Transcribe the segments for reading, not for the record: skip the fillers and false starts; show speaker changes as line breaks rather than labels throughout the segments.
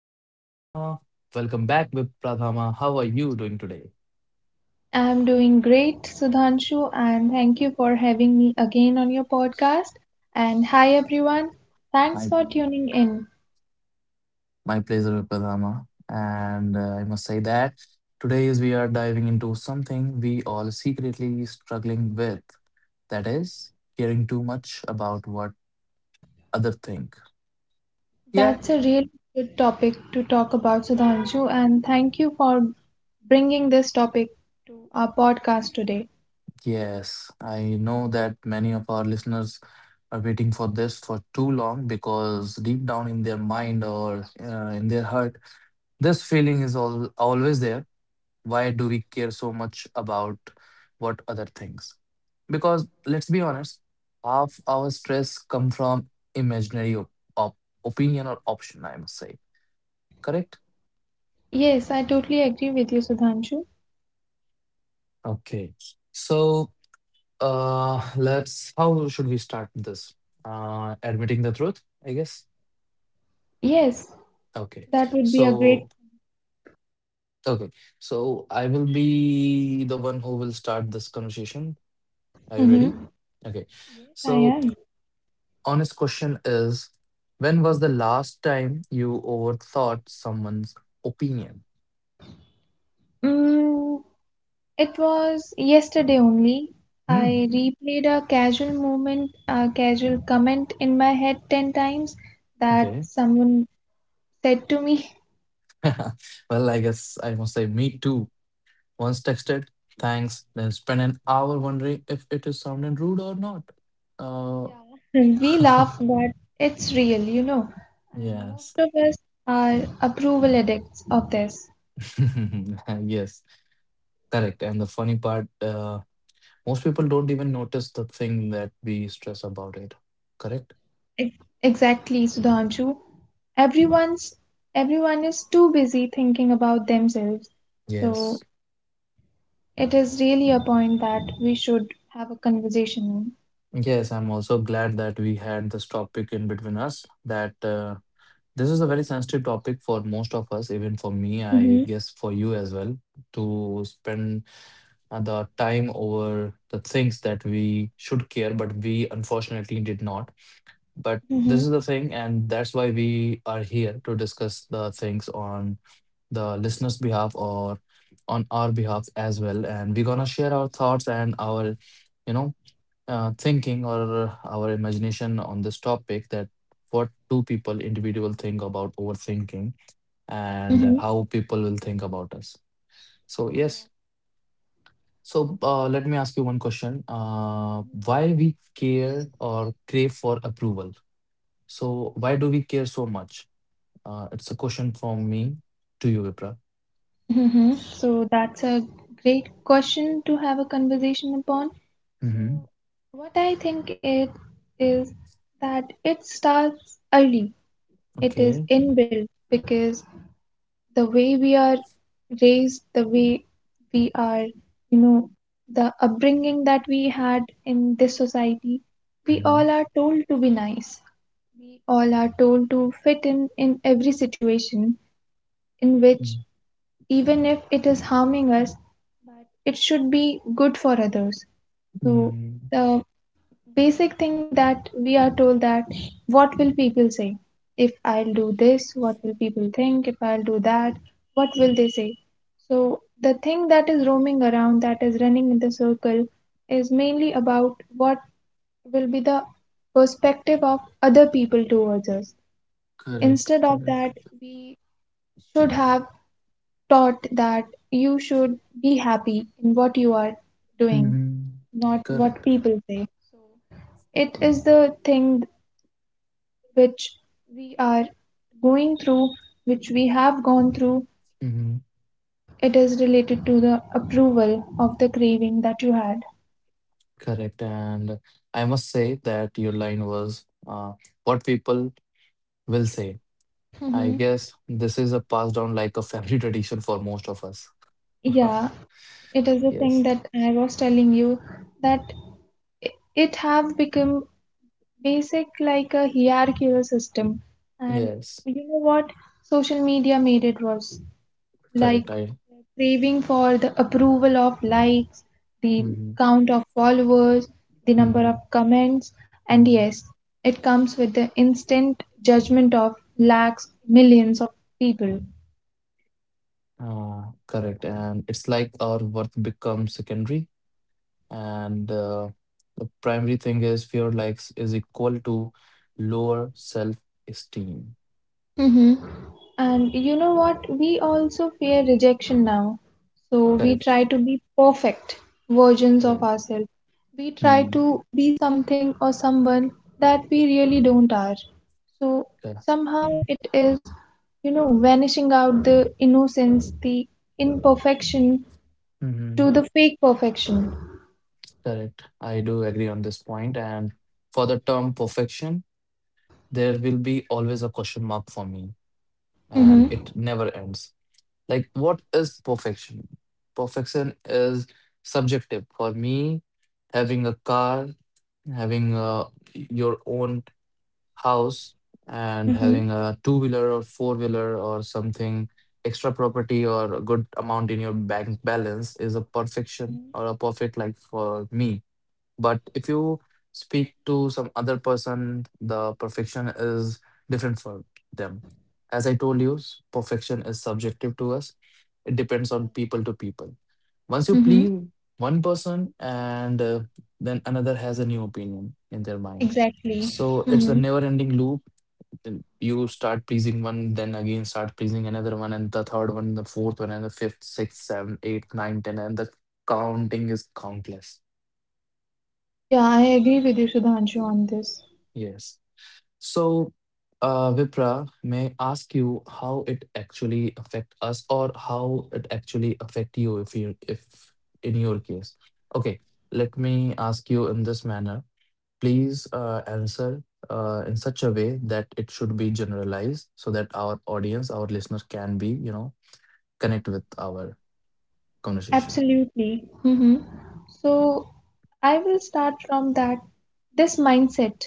Vipradhama. Welcome back, Vipradhama. How are you doing today?
I'm doing great, Sudhanshu, and thank you for having me again on your podcast. And hi, everyone. Thanks for
My
tuning in.
my pleasure, Vipradhama. And I must say that today is we are diving into something we all secretly struggling with. That is caring too much about what other think.
That's a
Yeah,
really good topic to talk about, Sudhanshu, and thank you for bringing this topic to our podcast today.
yes, I know that many of our listeners are waiting for this for too long because deep down in their mind or in their heart this feeling is all always there. Why do we care so much about what other thinks? Because let's be honest, half our stress come from imaginary opinion or option, I must say. Correct?
Yes, I totally agree with you, Sudhanshu.
Okay. So let's how should we start this? Admitting the truth, I guess.
Yes, that
Okay.
would be a great.
So okay. So I will be the one who will start this conversation. Are
Mm-hmm.
you ready? Okay.
Yes, I am.
So honest question is, when was the last time you overthought someone's opinion?
Mm, It was yesterday only. I
Hmm.
replayed a casual moment, a casual comment in my head 10 times that
Okay.
someone said to me.
Well, I guess I must say me too. Once texted, thanks, then spent an hour wondering if it is sounding rude or not. Uh
Yeah. We laugh, but it's real. And most of
yes.
us are approval addicts of this.
Yes. Correct. And the funny part, most people don't even notice the thing that we stress about it. Correct?
Exactly, Sudhanshu. Everyone's everyone is too busy thinking about themselves. So
Yes.
it is really a point that we should have a conversation
Yes, I'm also glad that we had this topic in between us. That this is a very sensitive topic for most of us, even for me,
on.
I guess for you as well, to spend the time over the things that we should care, but we unfortunately did not. But
Mm-hmm.
this is the thing, and that's why we are here to discuss the things on the listeners' behalf or on our behalf as well. And we're gonna share our thoughts and our, you know, thinking or our imagination on this topic that what do people individual think about overthinking
Mm-hmm.
and how people will think about us. So yes, so let me ask you one question, why we care or crave for approval, so why do we care so much? It's a question from me to you, Vipra.
Mm-hmm. So that's a great question to have a conversation upon. So
Mm-hmm.
what I think it is that it starts early. It is
Okay.
inbuilt because the way we are raised, the way we are, you know, the upbringing that we had in this society, we all are
Mm-hmm.
told to be nice. We all are told to fit in every situation in which
Mm.
even if it is harming us, but it should be good for others. So
Mm.
the basic thing that we are told that what will people say? If I'll do this, what will people think? If I'll do that, what will they say? So the thing that is roaming around, that is running in the circle, is mainly about what will be the perspective of other people towards us. Instead
Correct,
of that,
correct.
we should have taught that you should be happy in what you are doing,
Mm.
not what
Correct.
people say. It is the thing which we are going through, which we have gone through.
Mm-hmm.
It is related to the approval of the craving that you had.
Correct. And I must say that your line was what people will say.
Mm-hmm.
I guess this is a passed down like a family tradition for most of us.
Yeah, it is the thing
Yes.
that I was telling you that i- it have become basic like a hierarchical system, and
Yes.
you know what, social media made it worse like
Correct. I.
craving for the approval of likes, the
Mm-hmm.
count of followers, the number of
Mm-hmm.
comments, and yes,
Mm-hmm.
it comes with the instant judgment of lakhs, millions of people.
Correct. And it's like our worth becomes secondary, and the primary thing is fear likes is equal to lower self-esteem.
Mm-hmm. And you know what? We also fear rejection now. So we try to
Correct.
be perfect versions of
Correct.
ourselves. We try
Hmm.
to be something or someone that we really don't are. So
Correct.
somehow it is, vanishing out the innocence, the imperfection to
Mm-hmm.
the fake perfection.
Correct. I do agree on this point. And for the term perfection, there will be always a question mark for me,
Mm-hmm.
and it never ends. Like, what is perfection? Perfection is subjective. For me, having a car, having your own house, and
Mm-hmm.
having a two-wheeler or four-wheeler or something, extra property or a good amount in your bank balance is a
Mhm.
perfection or a perfect life for me. But if you speak to some other person, the perfection is different for them. As I told you, perfection is subjective to us, it depends
Yeah.
on people to people. Once you
Mm-hmm.
please one person, and then another has a new opinion in their mind.
Exactly.
So
Mm-hmm.
it's a never ending loop. Then you start pleasing one, then again start pleasing another one, and the third one, the fourth one, and the fifth, sixth, seventh, eighth, ninth, ten, and the counting is countless.
Yeah, I agree with you, Sudhanshu, on this.
Yes. So, Vipra, may I ask you how it actually affect us or how it actually affect you if in your case? Okay, let me ask you in this manner. Please answer in such a way that it should be generalized so that our audience, our listener can be, you know, connect with our conversation.
Absolutely. Mm-hmm. So I will start from that this mindset,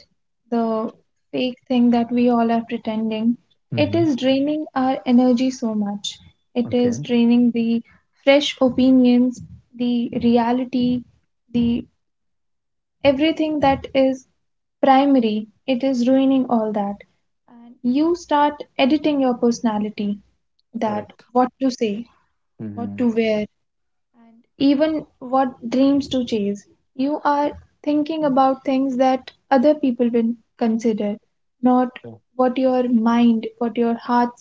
the fake thing that we all are pretending, it is
Mm-hmm.
draining our energy so much. It is
Okay,
draining the fresh opinions, the reality, the everything that is primary. It is ruining all that. And you start editing your personality that
correct.
what to say, what to
Mm-hmm.
wear, and even what dreams to chase. You are thinking about things that other people will consider, not what your mind, what your heart.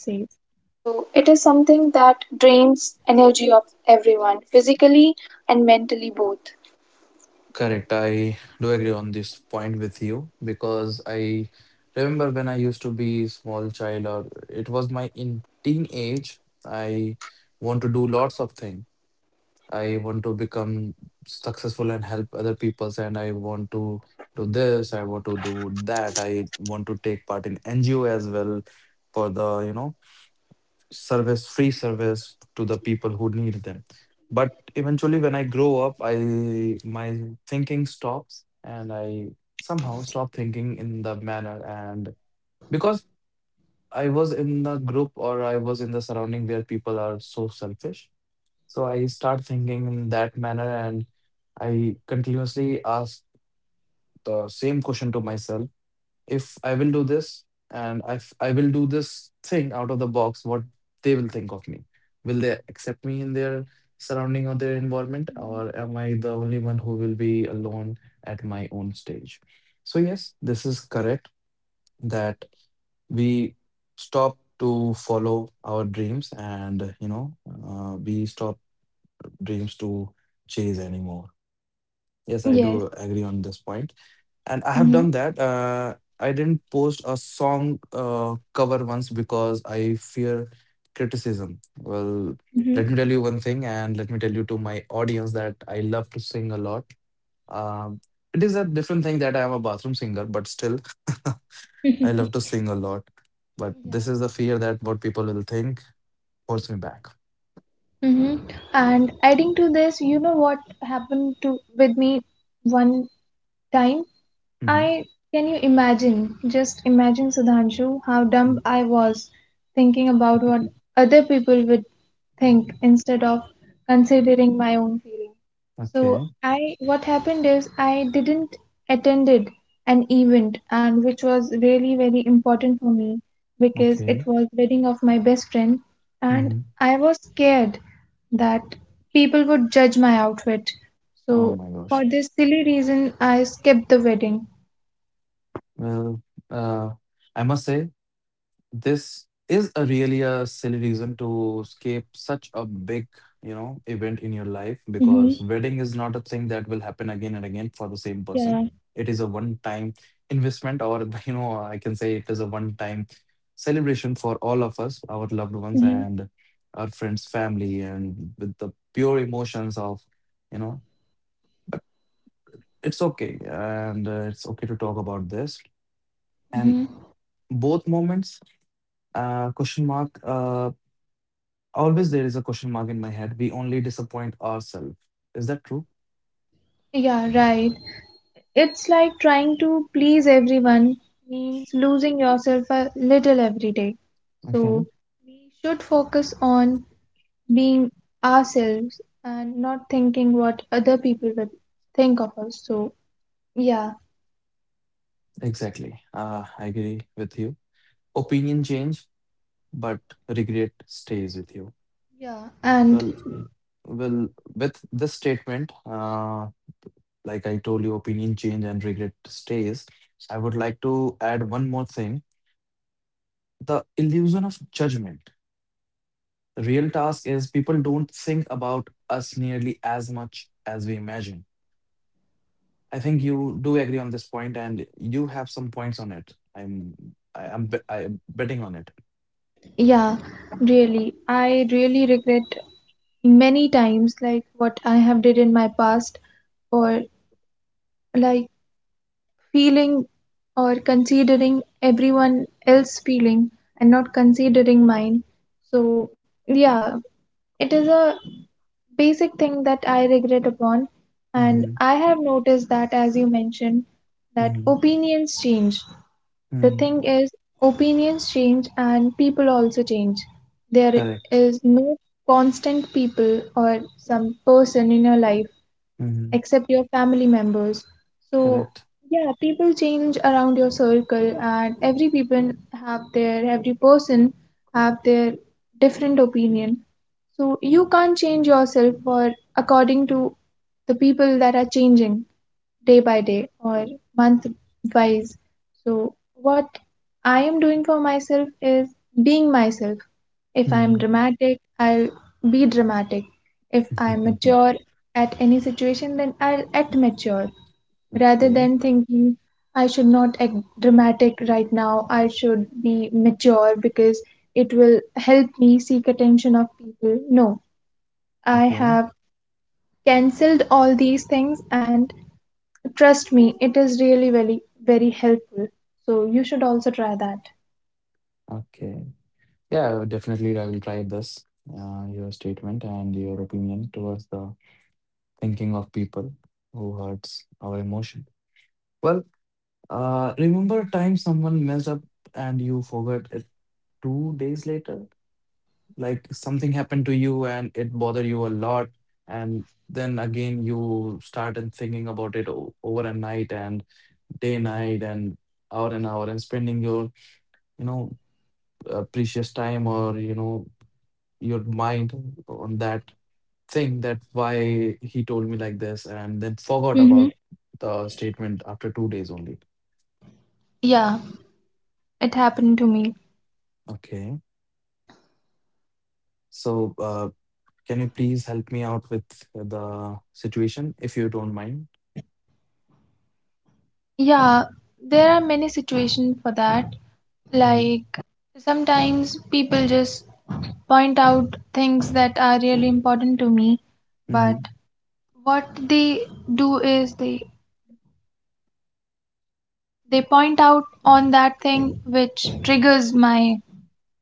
Correct. I do agree on this point with you because I remember when I used to be small child or it was my in teenage, I want to do lots of things. I want to become successful and help other peoples and I want to do this, I want to do that. I want to take part in NGO as well for the, you know, service free service to the people who need them, but eventually when I grow up, I my thinking stops and I somehow stop thinking in the manner, and because I was in the group or I was in the surrounding where people are so selfish, so I start thinking in that manner, and I continuously ask the same question to myself: if I will do this and if I will do this thing out of the box, what they will think of me. Will they accept me in their surrounding or their environment,
Mhm.
or am I the only one who will be alone at my own stage? So, yes, this is correct that we stop to follow our dreams and you know, we stop dreams to chase anymore. Yes, I
Yes.
do agree on this point, and I
Mm-hmm.
have done that. I didn't post a song cover once because I fear criticism. Well, let
Mm-hmm.
me tell you one thing, and let me tell you to my audience that I love to sing a lot. Um, it is a different thing that I am a bathroom singer, but still, I love to sing a lot. But
Yeah.
this is the fear that what people will think holds me back.
Mm-hmm. And adding to this, you know what happened to with me one time? I
Mhm.
can you imagine? Just imagine, Sudhanshu, how dumb I was thinking about what other people would think instead of considering my own feeling. So
Okay.
I what happened is I didn't attended an event and which was really very important for me because it
Okay.
was wedding of my best friend and
Hmm.
I was scared that people would judge my outfit. So
Oh my
for
gosh.
this silly reason I skipped the wedding.
Well, uh, I must say this is a really a silly reason to skip such a big, you know, event in your life
Mm-hmm.
because wedding is not a thing that will happen again and again for the same
Yeah.
person. It is a one-time investment, or you know, I can say it is a one-time celebration for all of us, our loved ones
Mm-hmm.
and our friends, family, and with the pure emotions of, you know, but it's okay, and it's okay to talk about this.
Mhm.
And both moments, question mark, always there is a question mark in my head. We only disappoint ourselves. Is that true?
Yeah, right. It's like trying to please everyone means losing yourself a little every day. So
Okay,
we should focus on being ourselves and not thinking what other people will think of us. So yeah,
exactly. I agree with you. Opinion change, but regret stays with you.
yeah, and
Well, well, with this statement, like I told you, opinion change and regret stays. I would like to add one more thing: the illusion of judgment. The real task is people don't think about us nearly as much as we imagine. I think you do agree on this point, and you have some points on it. I am betting on it.
yeah, really, I really regret many times like what I have did in my past or like feeling or considering everyone else feeling and not considering mine. So yeah, it is a basic thing that I regret upon, and
Hmm.
I have noticed that, as you mentioned, that
Hmm.
opinions change. The
Hmm.
thing is, opinions change and people also change. There
Correct.
is no constant people or some person in your life
Hmm.
except your family members. So
Correct.
yeah, people change around your circle, and every person have their different opinion. So you can't change yourself for according to the people that are changing day by day or month wise. So, what I am doing for myself is being myself. If I am
Hmm.
dramatic, I'll be dramatic. If I'm mature at any situation, then I'll act mature rather than
Okay.
thinking I should not act dramatic right now. I should be mature because it will help me seek attention of people. No, I
Okay.
have cancelled all these things. And trust me, it is really very, very helpful. So you should also try that.
Okay. Yeah, definitely. I will try this. Your statement and your opinion towards the thinking of people who hurts our emotion. Well, remember a time someone messed up and you forgot it 2 days later. Like something happened to you and it bothered you a lot, and then again you started thinking about it over a night and day night and hour and hour and spending your, you know, precious time or you know your mind on that thing that why he told me like this and then forgot
Mm-hmm.
about the statement after 2 days only.
Yeah, it happened to me.
Okay, so can you please help me out with the situation if you don't mind?
Yeah, there are many situations for that.
Mm-hmm.
Like sometimes people just point out things that are really important to me, but
Mm-hmm.
what they do is they point out on that thing which triggers my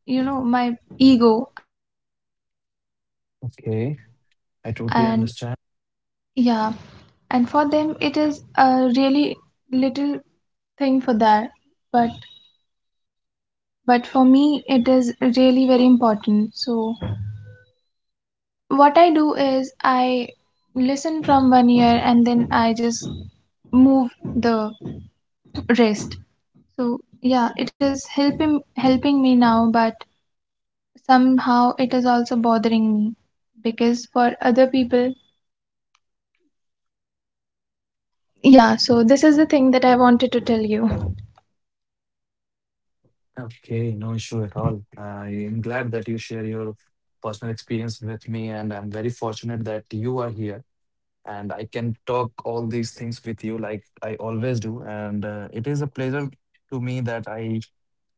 you know my ego, and they just went off.
Okay. I totally
And
understand.
yeah, and for them it is a really little thing for that, but but for me it is really very important. So what I do is I listen from one ear and then I just move the wrist. So yeah, it is helping me now, but somehow it is also bothering me because for other people, yeah. So this is the thing that I wanted to tell you.
Okay, no issue at all. I am glad that you share your personal experience with me, and I'm very fortunate that you are here, and I can talk all these things with you like I always do. And it is a pleasure to me that I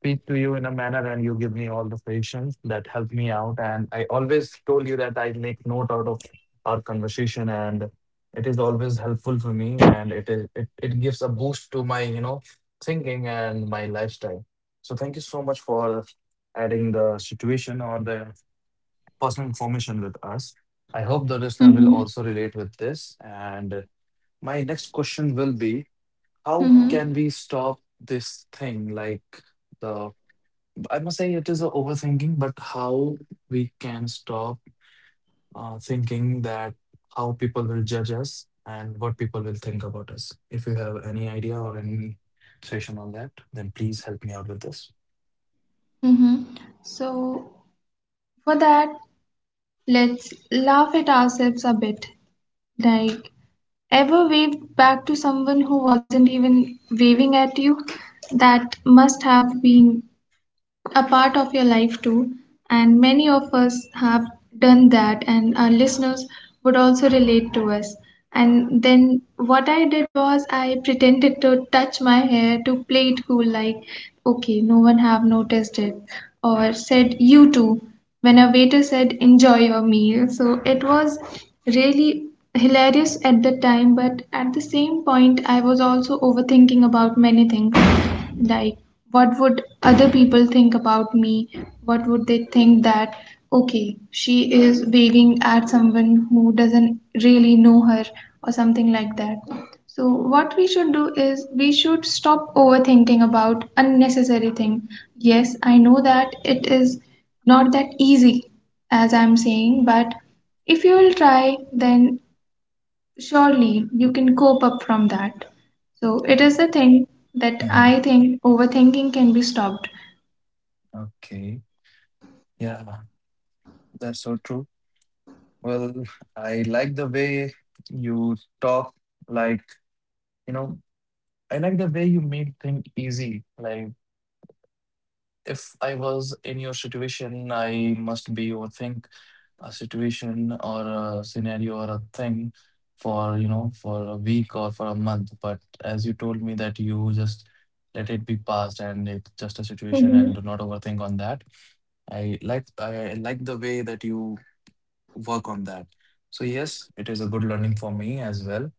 speak to you in a manner and you give me all the suggestions that help me out. And I always told you that I make note out of our conversation, and it is always helpful for me and it gives a boost to my, you know, thinking and my lifestyle. So thank you so much for adding the situation or the personal information with us. I hope the listener will
Mm-hmm.
also relate with this. And my next question will be, how
Mm-hmm.
can we stop this thing? Like the, I must say it is a overthinking, but how we can stop thinking that how people will judge us and what people will think about us. If you have any idea or any session on that, then please help me out with this.
Mm-hmm. So, for that, let's laugh at ourselves a bit. Like, ever waved back to someone who wasn't even waving at you? That must have been a part of your life too. And many of us have done that, and our listeners would also relate to us. And then what I did was I pretended to touch my hair to play it cool, like, okay, no one have noticed it, or said, you too, when a waiter said, enjoy your meal. So it was really hilarious at the time, but at the same point, I was also overthinking about many things, like what would other people think about me, what would they think that okay, she is waving at someone who doesn't really know her or something like that. So what we should do is we should stop overthinking about unnecessary thing. Yes, I know that it is not that easy as I'm saying, but if you will try, then surely you can cope up from that. So it
Um,
is the thing that
mhm.
I think overthinking can be stopped.
Okay. Yeah, that's so true. Well, I like the way you talk. Like, you know, I like the way you make things easy. Like, if I was in your situation, I must be overthink a situation or a scenario or a thing for, you know, for a week or for a month. But as you told me that you just let it be past and it's just a situation and
Mm-hmm.
do not overthink on that. I like the way that you work on that. So yes, it is a good learning for me as well.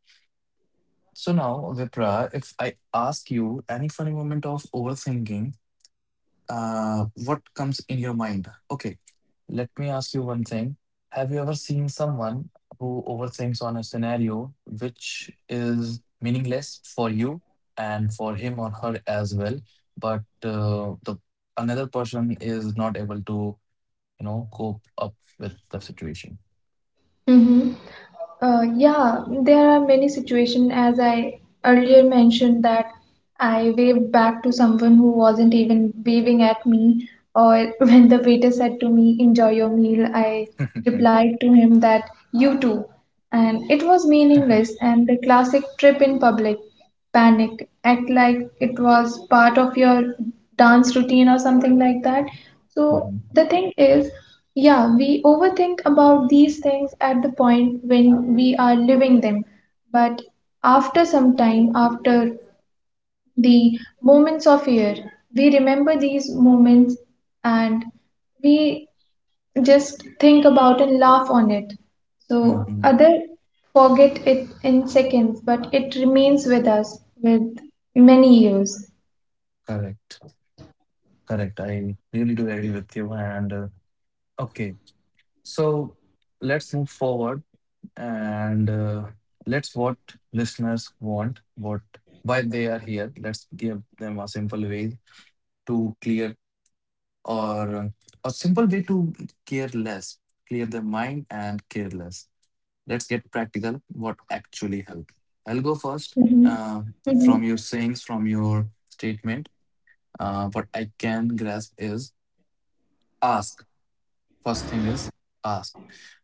So now, Vipra, if I ask you any funny moment of overthinking, what comes in your mind? Okay, let me ask you one thing. Have you ever seen someone who overthinks on a scenario which is meaningless for you and for him or her as well, but the another person is not able to, you know, cope up with the situation?
Mm-hmm. Yeah, there are many situations as I earlier mentioned that I waved back to someone who wasn't even waving at me, or when the waiter said to me, enjoy your meal, I replied to him that you too. And it was meaningless, and the classic trip in public panic, act like it was part of your dance routine or something like that. So
Mhm.
the thing is, yeah, we overthink about these things at the point when we are living them, but after some time, after the moments of fear, we remember these moments and we just think about and laugh on it. So
Mhm.
other forget it in seconds, but it remains with us with many years.
Correct. Correct. I really do agree with you. And okay, so let's move forward and let's what listeners want, what why they are here. Let's give them a simple way to clear or a simple way to care less, clear their mind and care less. Let's get practical. What actually help? I'll go first.
Mhm.
Uh,
Hmm.
from your sayings, from your statement, what I can grasp is Ask. First thing is ask.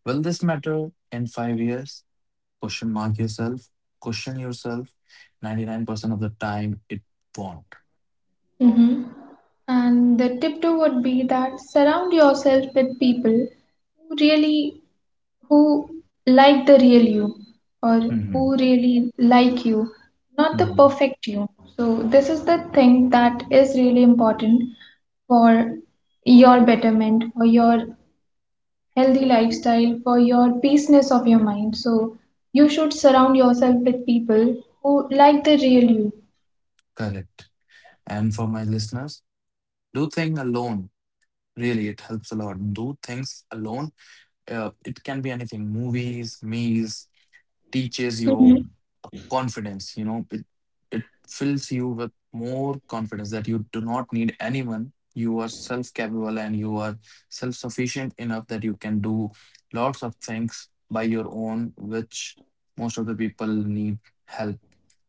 Will this matter in 5 years? Question mark yourself. Question yourself. 99% of the time, it won't.
Hmm. And the tip two would be that surround yourself with people who really who like the real you, or
Mhm,
who really like you, not the
mhm.
perfect you. So this is the thing that is really important for your betterment, for your healthy lifestyle, for your peaceness of your mind. So you should surround yourself with people who like the real you.
Correct. And for my listeners, do things alone. Really, it helps a lot. Do things alone. It can be anything movies, meals, teaches you
Mhm.
confidence. You know, it fills you with more confidence that you do not need anyone. You are self capable and you are self sufficient enough that you can do lots of things by your own, which most of the people need help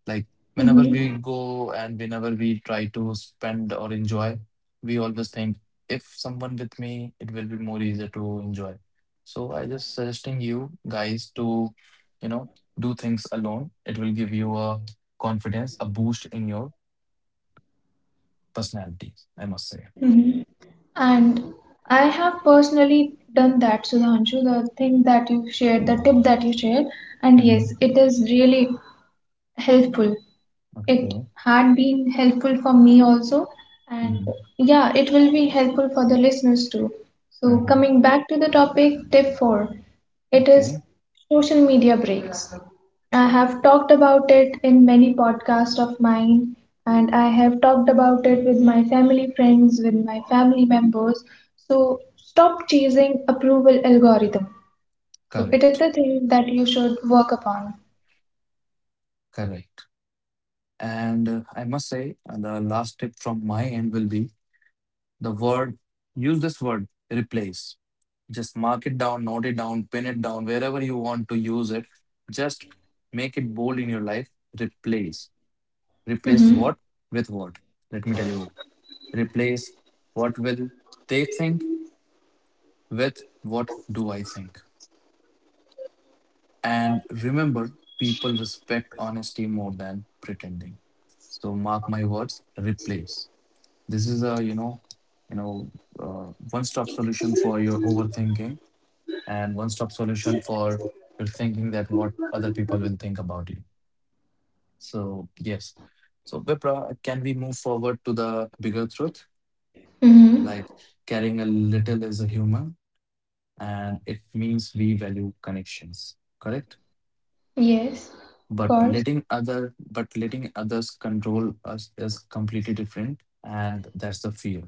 like whenever we
Mhm.
go and whenever we try to spend or enjoy, we always think if someone with me, it will be more easier to enjoy. So I just suggesting you guys to, you know, do things alone. It will give you a confidence, a boost in your personality, I must say.
Mhm. And I have personally done that, Sudhanshu, the thing that you shared, the tip that you shared. And yes,
Hmm.
it is really helpful. It
Okay.
had been helpful for me also, and
Hmm.
yeah, it will be helpful for the listeners too. So,
Hmm.
coming back to the topic, tip four, it
Okay.
is social media breaks. I have talked about it in many podcasts of mine, and I have talked about it with my family friends, with my family members. So, stop chasing approval algorithm. So, it is
Correct.
the thing that you should work upon.
Correct. And I must say, the last tip from my end will be the word, use this word, replace. Just mark it down, note it down, pin it down, wherever you want to use it. Just make it bold in your life. Replace. Replace what with what? Let me tell you. Replace what will they think with what do I think? And remember, people respect honesty more than pretending. So mark my words, replace. This is a you know, one-stop solution for your overthinking and one-stop solution for your thinking that what other people will think about you. So yes. So Vipra, can we move forward to the bigger truth?
Mm-hmm.
Like caring a little is a human and it means we value connections, correct?
Yes, of
But
course.
letting other but letting others control us is completely different and that's the fear.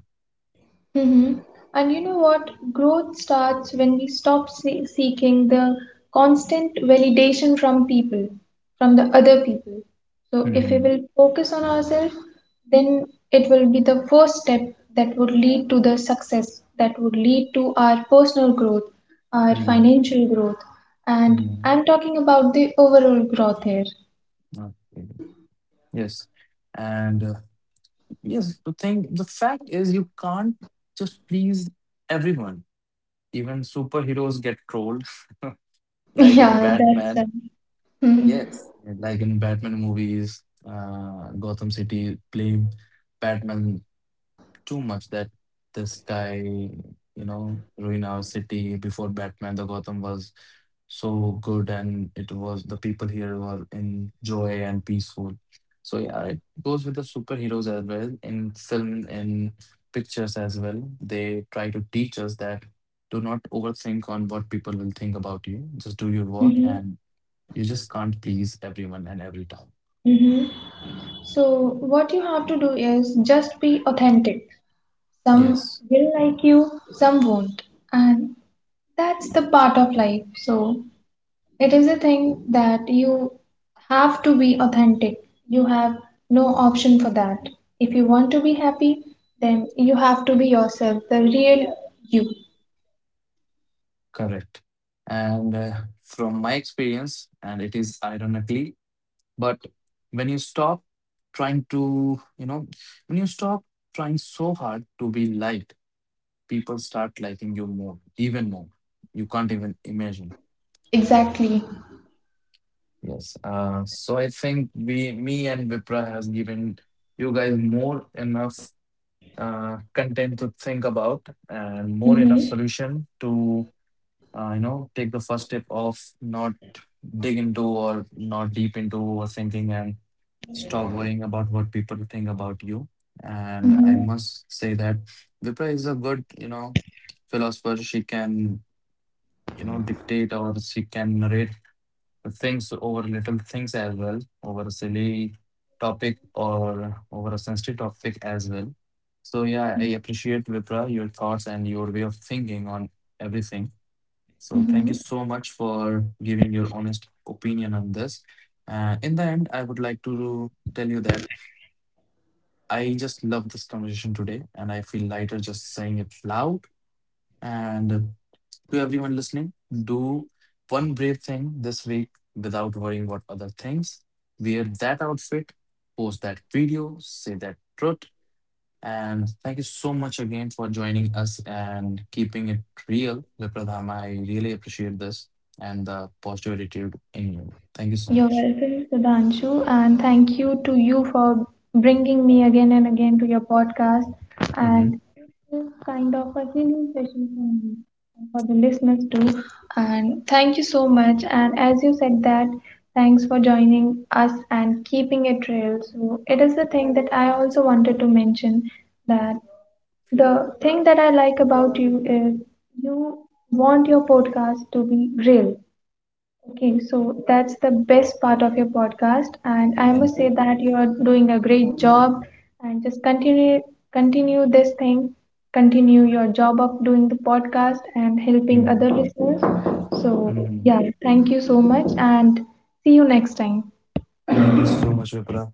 Mm-hmm. And you know what? Growth starts when we stop seeking the constant validation from people, from the other people. So if we
Mm-hmm.
will focus on ourselves, then it will be the first step that would lead to the success, that would lead to our personal growth, our
Mm-hmm.
financial growth. And
Mm-hmm.
I'm talking about the overall growth here.
Okay. Yes. And yes, the thing, the fact is, you can't just please everyone. Even superheroes get trolled, like in
Yeah, that's right.
Batman. Yes, like in Batman movies, Gotham City blame Batman too much that this guy, you know, ruin our city. Before Batman, the Gotham was so good, and it was the people here were in joy and peaceful. So yeah, it goes with the superheroes as well in film and pictures as well. They try to teach us that do not overthink on what people will think about you. Just do your work,
Mm-hmm.
and you just can't please everyone and every time.
Mm-hmm. So, what you have to do is just be authentic. Some
Yes.
will like you, some won't. And that's the part of life. So, it is a thing that you have to be authentic. You have no option for that. If you want to be happy, then you have to be yourself, the real you.
Correct. And from my experience, and it is ironically, but when you stop trying to, you know, when you stop trying so hard to be liked, people start liking you more, even more. You can't even imagine.
Exactly.
Yes. So I think we, me and Vipra has given you guys more enough content to think about and more enough
Mm-hmm.
solution to, you know, take the first step of not deep into overthinking and stop worrying about what people think about you. And I
Mm-hmm.
must say that Vipra is a good, you know, philosopher. She can, you know, dictate or she can narrate the things over little things as well, over a silly topic or over a sensitive topic as well. So yeah, I
Mm-hmm.
appreciate Vipra, your thoughts and your way of thinking on everything. So thank you
Mm-hmm.
so much for giving your honest opinion on this. In the end, I would like to tell you that I just love this conversation today, and I feel lighter just saying it loud. And to everyone listening, do one brave thing this week without worrying what other things. Wear that outfit, post that video, say that truth, and thank you so much again for joining us and keeping it real, Vipradham. I really appreciate this and the positive attitude in you. Thank you so
You're
much.
welcome, Sudhanshu, and thank you to you for bringing me again and again to your podcast.
Hmm.
And this is kind of a healing session for me and for the listeners too. And thank you so much. And as you said that, thanks for joining us and keeping it real. So it is the thing that I also wanted to mention that the thing that I like about you is you want your podcast to be real. Okay, so that's the best part of your podcast, and I
Thank
must
you.
say that you are doing a great job. And just continue, continue this thing, continue your job of doing the podcast and helping
Hmm.
other listeners. So
Hmm.
yeah, thank you so much, and see you next time.
Thank you so much, Vipra.